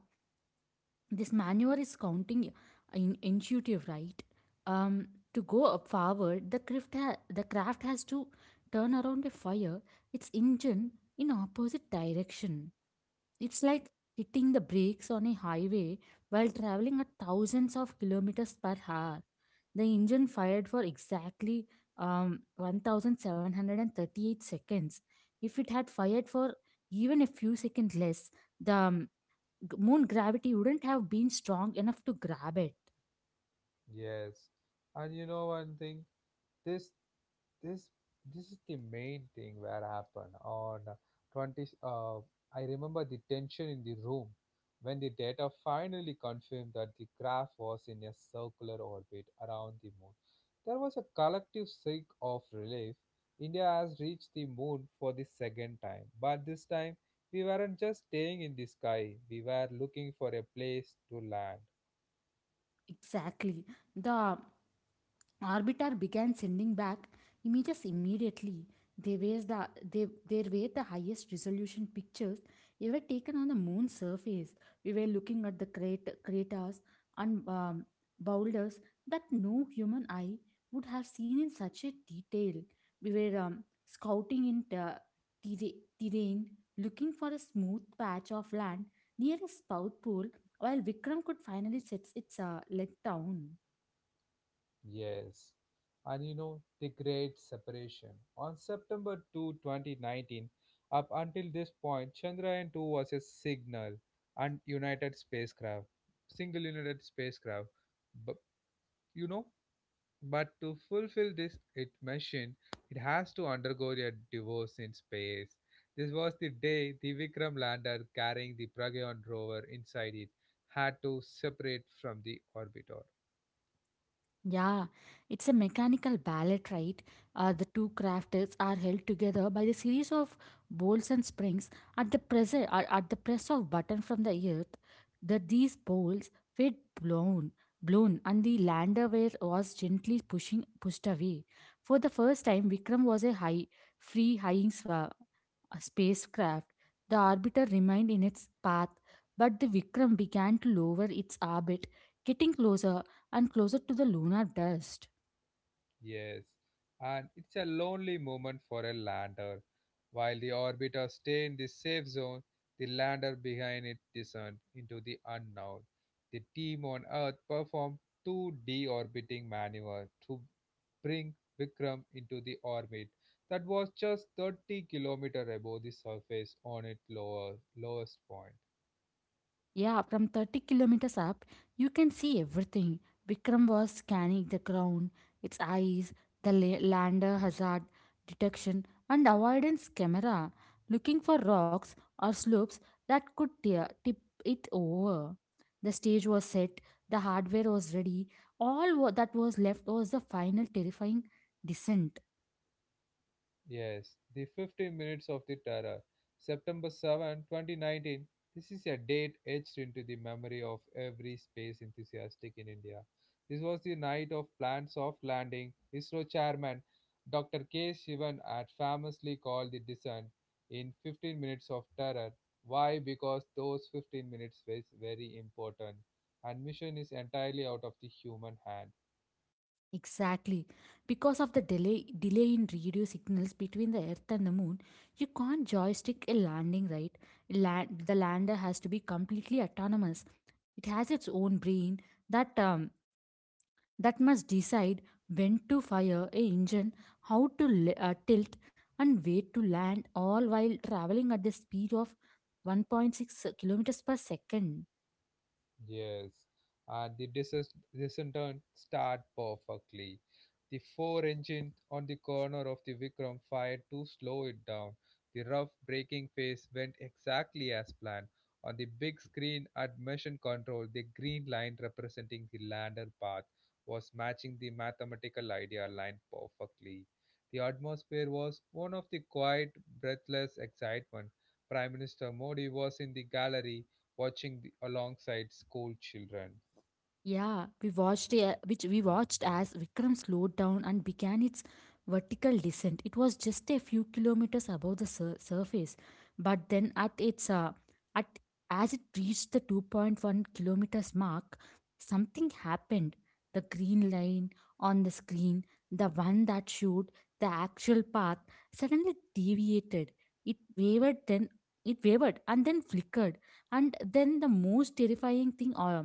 [SPEAKER 2] This maneuver is counting in intuitive, right? um to go up forward the the craft has to turn around a fire its engine in opposite direction. It's like hitting the brakes on a highway while traveling at thousands of kilometers per hour. The engine fired for exactly 1738 seconds. If it had fired for even a few seconds less, the moon gravity wouldn't have been strong enough to grab it.
[SPEAKER 1] Yes, and you know one thing, this this this is the main thing where happened on 20. I remember the tension in the room when the data finally confirmed that the graph was in a circular orbit around the moon. There was a collective sigh of relief. India has reached the moon for the second time, but this time we weren't just staying in the sky. We were looking for a place to land.
[SPEAKER 2] Exactly. The Orbiter began sending back images immediately. They were the, they, there were the highest resolution pictures ever taken on the moon's surface. We were looking at the craters and boulders that no human eye would have seen in such a detail. We were scouting in terra- terrain, looking for a smooth patch of land near a spout pool while Vikram could finally set its leg down.
[SPEAKER 1] Yes. And you know, the great separation. On September 2, 2019, up until this point, Chandrayaan 2 was a signal and United spacecraft, single United spacecraft. But you know, but to fulfill this it mission, it has to undergo a divorce in space. This was the day the Vikram lander carrying the Pragyan rover inside it had to separate from the orbiter.
[SPEAKER 2] Yeah, it's a mechanical ballet, right? The two crafters are held together by the series of bolts and springs at the press of button from the earth. That these bolts were blown, blown, and the was gently pushing pushed away. For the first time, Vikram was a high free high a spacecraft. The orbiter remained in its path, but the Vikram began to lower its orbit, getting closer and closer to the lunar dust.
[SPEAKER 1] Yes, and it's a lonely moment for a lander. While the orbiter stay in the safe zone, the lander behind it descend into the unknown. The team on Earth performed two deorbiting maneuver to bring Vikram into the orbit that was just 30 kilometers above the surface on its lowest point.
[SPEAKER 2] Yeah, from 30 kilometers up, you can see everything. Vikram was scanning the ground, its eyes, the lander hazard detection and avoidance camera, looking for rocks or slopes that could tip it over. The stage was set, the hardware was ready. All that was left was the final terrifying descent.
[SPEAKER 1] Yes, the 50 Minutes of the Terror, September 7, 2019. This is a date etched into the memory of every space enthusiastic in India. This was the night of planned soft landing. ISRO chairman Dr. K. Shivan had famously called the descent in 15 minutes of terror. Why? Because those 15 minutes was very important, and mission is entirely out of the human hand.
[SPEAKER 2] Exactly. Because of the delay in radio signals between the Earth and the Moon, you can't joystick a landing, right? The lander has to be completely autonomous. It has its own brain that um, that must decide when to fire a engine, how to tilt, and where to land, all while traveling at the speed of 1.6 kilometers per second.
[SPEAKER 1] Yes, and the descent descendant start perfectly. The four engine on the corner of the Vikram fired to slow it down. The rough braking phase went exactly as planned. On the big screen at mission control, the green line representing the lander path was matching the mathematical idea line perfectly. The atmosphere was one of the quiet, breathless excitement. Prime Minister Modi was in the gallery watching alongside school children.
[SPEAKER 2] Yeah, we watched as Vikram slowed down and began its vertical descent. It was just a few kilometers above the surface, but then at its at as it reached the 2.1 kilometers mark, something happened. The green line on the screen, the one that showed the actual path, suddenly deviated. It wavered, then it wavered, and then flickered. And then the most terrifying thing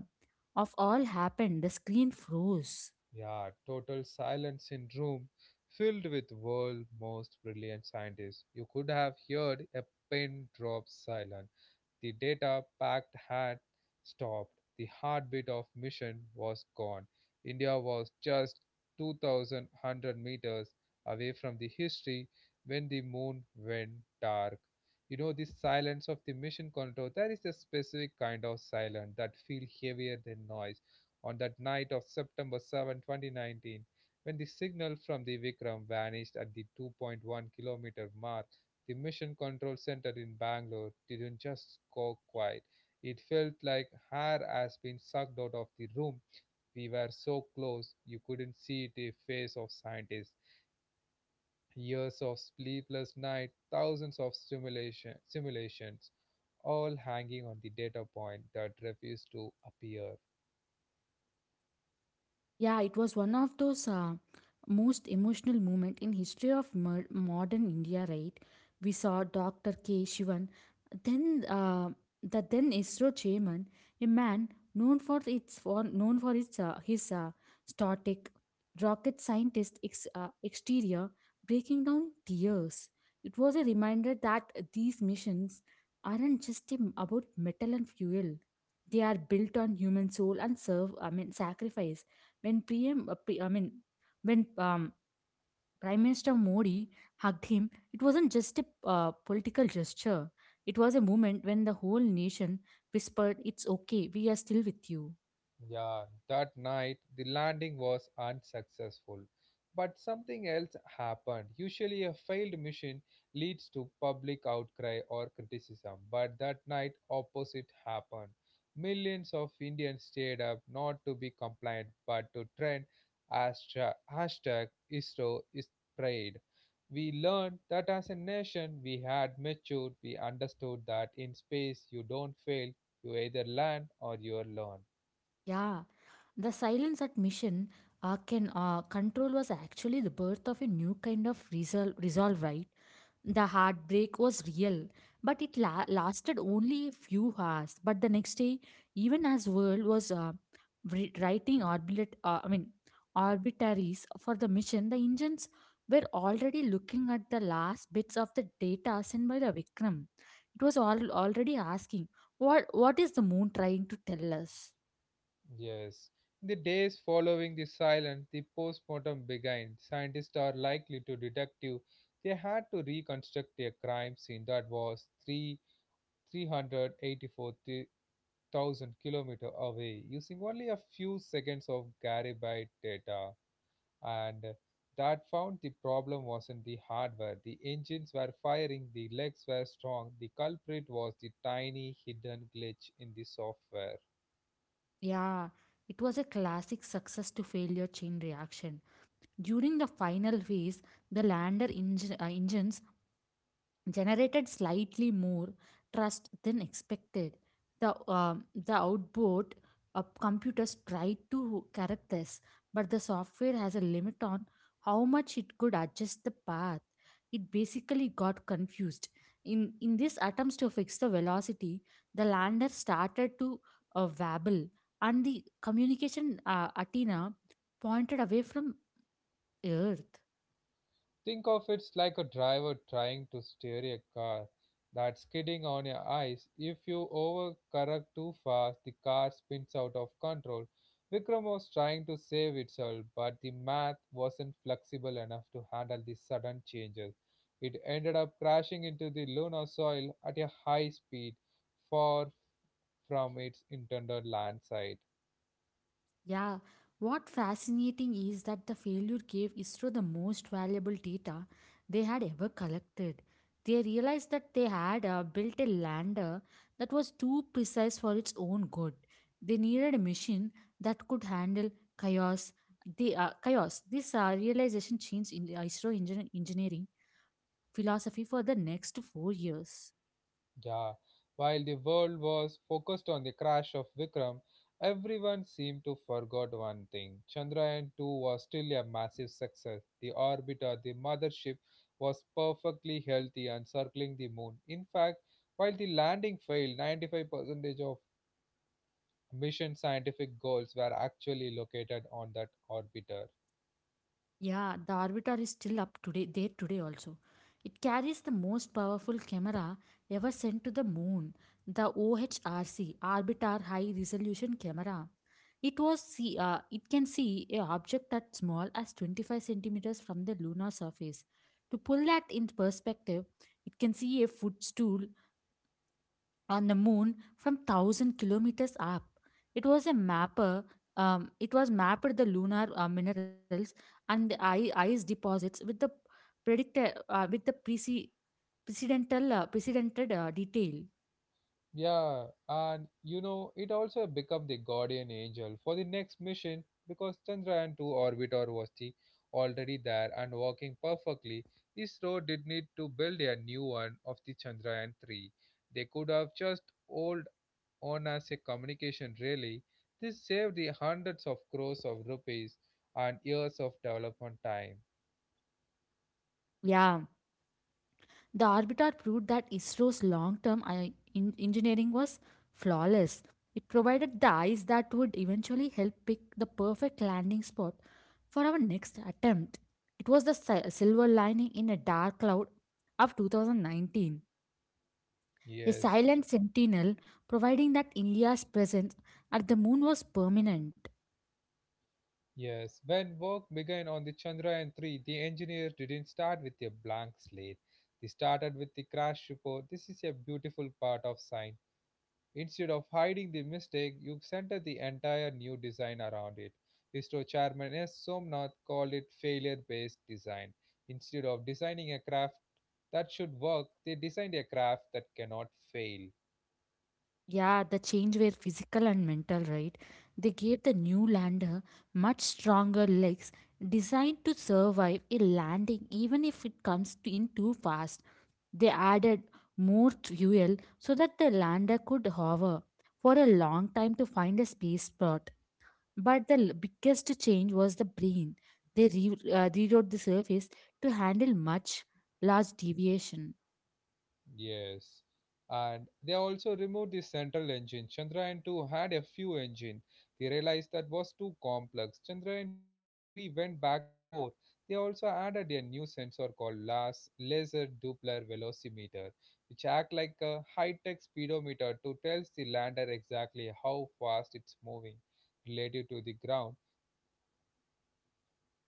[SPEAKER 2] of all happened, the screen froze.
[SPEAKER 1] Yeah, total silence in room filled with world most brilliant scientists. You could have heard a pin drop silence. The data-packed had stopped. The heartbeat of mission was gone. India was just 2,100 meters away from the history when the moon went dark. You know, the silence of the mission control, there is a specific kind of silence that feels heavier than noise. On that night of September 7, 2019, when the signal from the Vikram vanished at the 2.1-kilometer mark, the Mission Control Center in Bangalore didn't just go quiet, it felt like air has been sucked out of the room. We were so close, you couldn't see the face of scientists. Years of sleepless nights, thousands of simulations, all hanging on the data point that refused to appear.
[SPEAKER 2] Yeah, it was one of those most emotional moment in history of modern India, right? We saw Dr. K. Shivan, then uh, the then ISRO chairman, a man known for its his static rocket scientist exterior, breaking down tears. It was a reminder that these missions aren't just about metal and fuel. They are built on human soul and serve, I mean, sacrifice when PM, uh, P- I mean, when um, Prime Minister Modi hugged him, it wasn't just a political gesture. It was a moment when the whole nation whispered, "It's okay, we are still with you."
[SPEAKER 1] Yeah, that night the landing was unsuccessful. But something else happened. Usually, a failed mission leads to public outcry or criticism, but that night, opposite happened. Millions of Indians stayed up not to be compliant but to trend hashtag ISRO is prayed. We learned that as a nation, we had matured, we understood that in space, you don't fail, you either land or you are learn.
[SPEAKER 2] Yeah, the silence at mission can control was actually the birth of a new kind of resolve, right? The heartbreak was real, but it lasted only a few hours. But the next day, even as world was writing orbit, I mean, orbitaries for the mission, the engines were already looking at the last bits of the data sent by the Vikram. It was all already asking, "What is the moon trying to tell us?"
[SPEAKER 1] Yes. In the days following the silence, the postmortem began. Scientists are likely to deductive. They had to reconstruct a crime scene that was 3 384,000 kilometer away using only a few seconds of Garibay data. And that found the problem wasn't the hardware. The engines were firing, the legs were strong. The culprit was the tiny hidden glitch in the software.
[SPEAKER 2] Yeah, it was a classic success to failure chain reaction. During the final phase, the lander engines generated slightly more trust than expected. The outboard of computers tried to correct this, but the software has a limit on how much it could adjust the path. It basically got confused. In this attempts to fix the velocity, the lander started to wobble, and the communication antenna pointed away from Earth.
[SPEAKER 1] Think of it like a driver trying to steer a car that's skidding on your ice. If you overcorrect too fast, the car spins out of control. Vikram was trying to save itself, but the math wasn't flexible enough to handle the sudden changes. It ended up crashing into the lunar soil at a high speed, far from its intended land site.
[SPEAKER 2] Yeah, what fascinating is that the failure gave ISRO the most valuable data they had ever collected. They realized that they had built a lander that was too precise for its own good. They needed a machine that could handle chaos. The chaos. This realization changed in ISRO engineering philosophy for the next 4 years.
[SPEAKER 1] Yeah, while the world was focused on the crash of Vikram, everyone seemed to forgot one thing. Chandrayaan-2 was still a massive success. The orbiter, the mothership, was perfectly healthy and circling the moon. In fact, while the landing failed, 95% of mission scientific goals were actually located on that orbiter.
[SPEAKER 2] Yeah, the Orbiter is still up today, there today also. It carries the most powerful camera ever sent to the moon, the OHRC, Orbiter High Resolution Camera. It can see a object as small as 25 centimeters from the lunar surface. To pull that in perspective, it can see a footstool on the moon from 1000 kilometers up. It was a mapper. Um, it was mapped the lunar minerals and the ice deposits with the predicted with the prece- precedental precedented detail.
[SPEAKER 1] Yeah, and you know, it also became the guardian angel for the next mission because Chandrayaan 2 orbiter was the already there and working perfectly. ISRO did need to build a new one of the Chandrayaan 3. They could have just old on as a communication relay. This saved the hundreds of crores of rupees and years of development time.
[SPEAKER 2] Yeah. The Orbitar proved that ISRO's long term engineering was flawless. It provided the ice that would eventually help pick the perfect landing spot for our next attempt. It was the silver lining in a dark cloud of 2019. A
[SPEAKER 1] Yes.
[SPEAKER 2] silent sentinel providing that India's presence at the moon was permanent.
[SPEAKER 1] Yes, when work began on the Chandrayaan 3, the engineers didn't start with a blank slate. They started with the crash report. This is a beautiful part of science. Instead of hiding the mistake, you center the entire new design around it. ISRO chairman S. Somnath called it failure based design. Instead of designing a craft that should work, they designed a craft that cannot fail.
[SPEAKER 2] Yeah, the change were physical and mental, right? They gave the new lander much stronger legs designed to survive a landing even if it comes in too fast. They added more fuel so that the lander could hover for a long time to find a space spot. But the biggest change was the brain. They rewrote the surface to handle much large deviation.
[SPEAKER 1] Yes. And they also removed the central engine. Chandrayaan 2 had a few engine. They realized that was too complex. Chandrayaan 3 went back to 4. They also added a new sensor called LAS laser Doppler velocimeter, which act like a high-tech speedometer to tells the lander exactly how fast it's moving relative to the ground.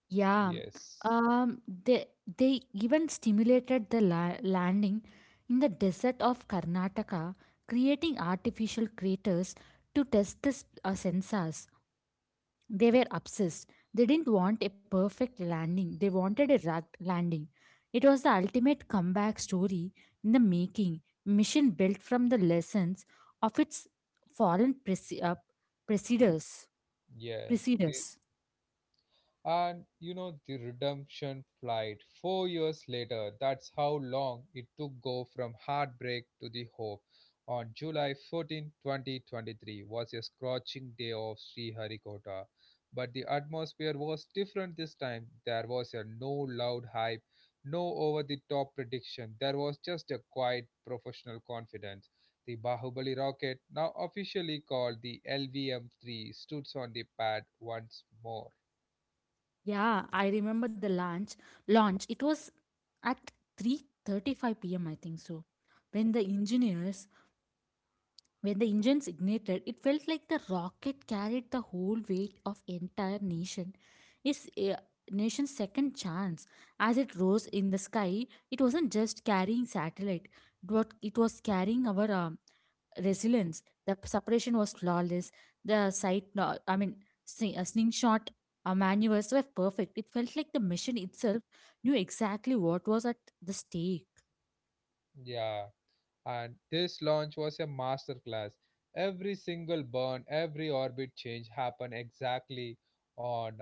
[SPEAKER 2] Yeah,
[SPEAKER 1] Yes.
[SPEAKER 2] um, they they even stimulated the landing in the desert of Karnataka, creating artificial craters to test the sensors. They were obsessed. They didn't want a perfect landing. They wanted a rugged landing. It was the ultimate comeback story in the making. Mission built from the lessons of its fallen preceders.
[SPEAKER 1] Yeah.
[SPEAKER 2] Preceders.
[SPEAKER 1] And you know, the redemption flight 4 years later, that's how long it took go from heartbreak to the hope. On July 14, 2023 was a scorching day of Sriharikota. But the atmosphere was different this time. There was a no loud hype, no over the top prediction. There was just a quiet professional confidence. The Bahubali rocket, now officially called the LVM 3, stood on the pad once more.
[SPEAKER 2] Yeah, I remember the Launch. It was at 3:35 p.m. I think so. When the engineers when the engines ignited, it felt like the rocket carried the whole weight of entire nation. Its nation's second chance. As it rose in the sky, it wasn't just carrying satellite. It was carrying our resilience. The separation was flawless. The sight, no- I mean, sli- slingshot maneuvers were perfect. It felt like the mission itself knew exactly what was at the stake.
[SPEAKER 1] Yeah. And this launch was a masterclass. Every single burn, every orbit change happened exactly on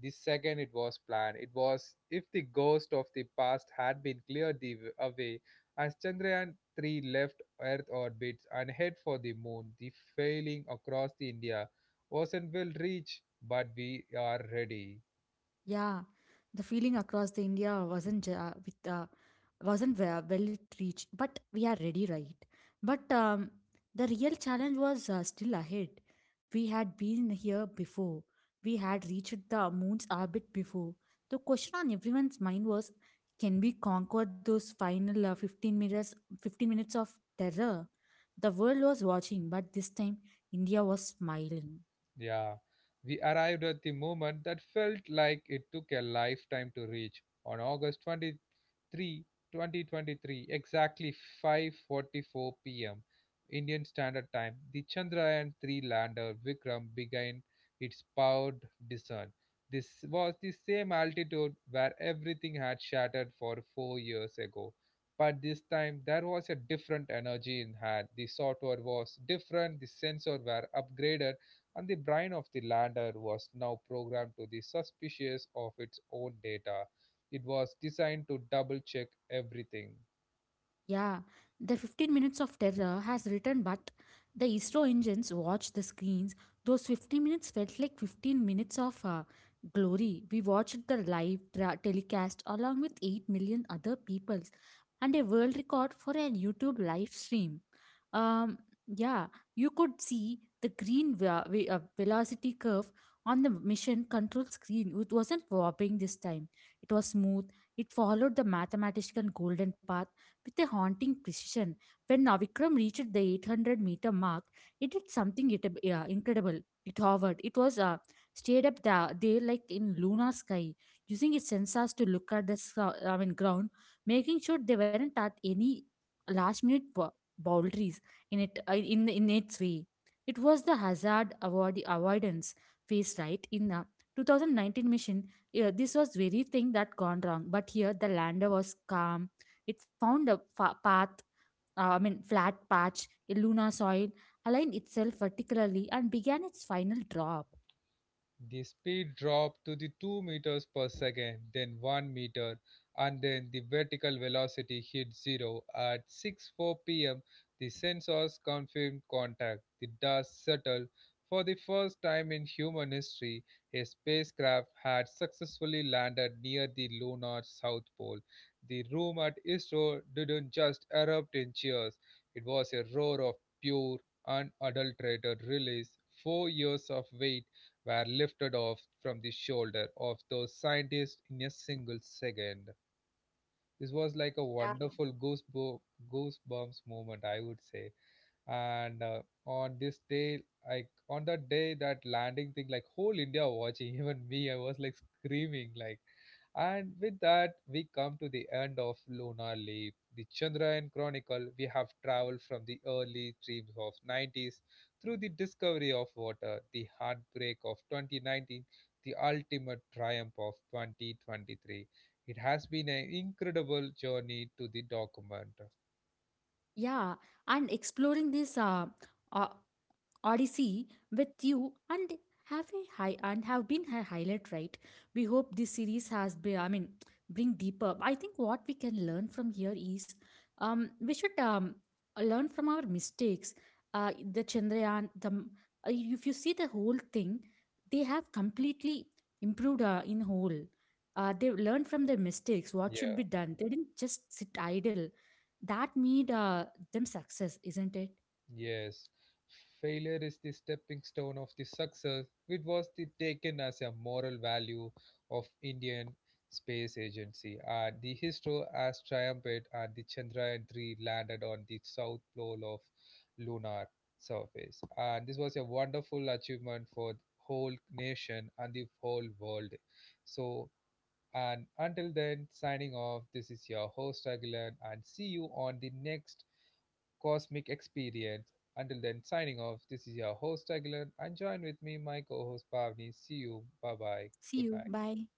[SPEAKER 1] the second it was planned. It was if the ghost of the past had been cleared away as Chandrayaan 3 left Earth orbit and head for the moon, the failing across the India wasn't will reach, but we are ready.
[SPEAKER 2] Yeah, the feeling across the India wasn't well it reached, but we are ready, right? But the real challenge was still ahead. We had been here before. We had reached the moon's orbit before. The question on everyone's mind was, can we conquer those final 15 minutes of terror? The world was watching, but this time India was smiling.
[SPEAKER 1] Yeah. We arrived at the moment that felt like it took a lifetime to reach. On August 20, Three 2023, exactly 5:44 p.m. Indian Standard Time, the Chandrayaan-3 lander Vikram began its powered descent. This was the same altitude where everything had shattered for 4 years ago. But this time there was a different energy in hand. The software was different, the sensors were upgraded, and the brain of the lander was now programmed to be suspicious of its own data. It was designed to double-check everything.
[SPEAKER 2] Yeah, the 15 minutes of terror has returned, but the ISRO engines watched the screens. Those 15 minutes felt like 15 minutes of glory. We watched the live telecast along with 8 million other peoples and a world record for a YouTube live stream. Um, yeah, you could see the green velocity curve on the mission control screen. It wasn't warping this time, it was smooth. It followed the mathematical golden path with a haunting precision. When Navikram reached the 800-meter mark, it did something incredible. It hovered. It was stayed up there like in lunar sky, using its sensors to look at the ground, making sure they weren't at any last minute boundaries in its way. It was the hazard avoidance phase, right? In the 2019 mission, yeah, this was very thing that gone wrong. But here the lander was calm. It found a flat patch, a lunar soil, aligned itself vertically, and began its final drop.
[SPEAKER 1] The speed dropped to the 2 meters per second, then 1 meter, and then the vertical velocity hit zero. At six four p.m., the sensors confirmed contact. The dust settled. For the first time in human history, a spacecraft had successfully landed near the lunar south pole. The room at ISRO didn't just erupt in cheers; it was a roar of pure, unadulterated release. 4 years of wait were lifted off from the shoulder of those scientists in a single second. This was like a
[SPEAKER 2] Yeah.
[SPEAKER 1] wonderful goosebumps moment, I would say. And on this day, like on that day, that landing thing, like whole India watching, even me, I was like screaming like. And with that, we come to the end of Lunar Leap, the Chandrayaan Chronicle. We have traveled from the early dreams of 90s, through the discovery of water, the heartbreak of 2019, the ultimate triumph of 2023. It has been an incredible journey to the document.
[SPEAKER 2] Yeah, and exploring this uh, Odyssey with you and have a high and have been a highlight, right? We hope this series has been I mean bring deeper. I think what we can learn from here is we should learn from our mistakes. Uh the chandrayaan the uh, if you see the whole thing, they have completely improved in whole. They learned from their mistakes what should
[SPEAKER 1] Yeah.
[SPEAKER 2] be done. They didn't just sit idle. That made them success, isn't it?
[SPEAKER 1] Yes, failure is the stepping stone of the success, which was the taken as a moral value of Indian Space Agency. And the ISRO has triumphed, and the Chandrayaan-3 landed on the south pole of lunar surface. And this was a wonderful achievement for the whole nation and the whole world. So, and until then, signing off. This is your host Aguilan, and see you on the next cosmic experience. Until then, signing off. This is your host Aguilar, and join with me, my co-host Pavni. See you. Bye bye.
[SPEAKER 2] See
[SPEAKER 1] Good
[SPEAKER 2] you,
[SPEAKER 1] night.
[SPEAKER 2] bye.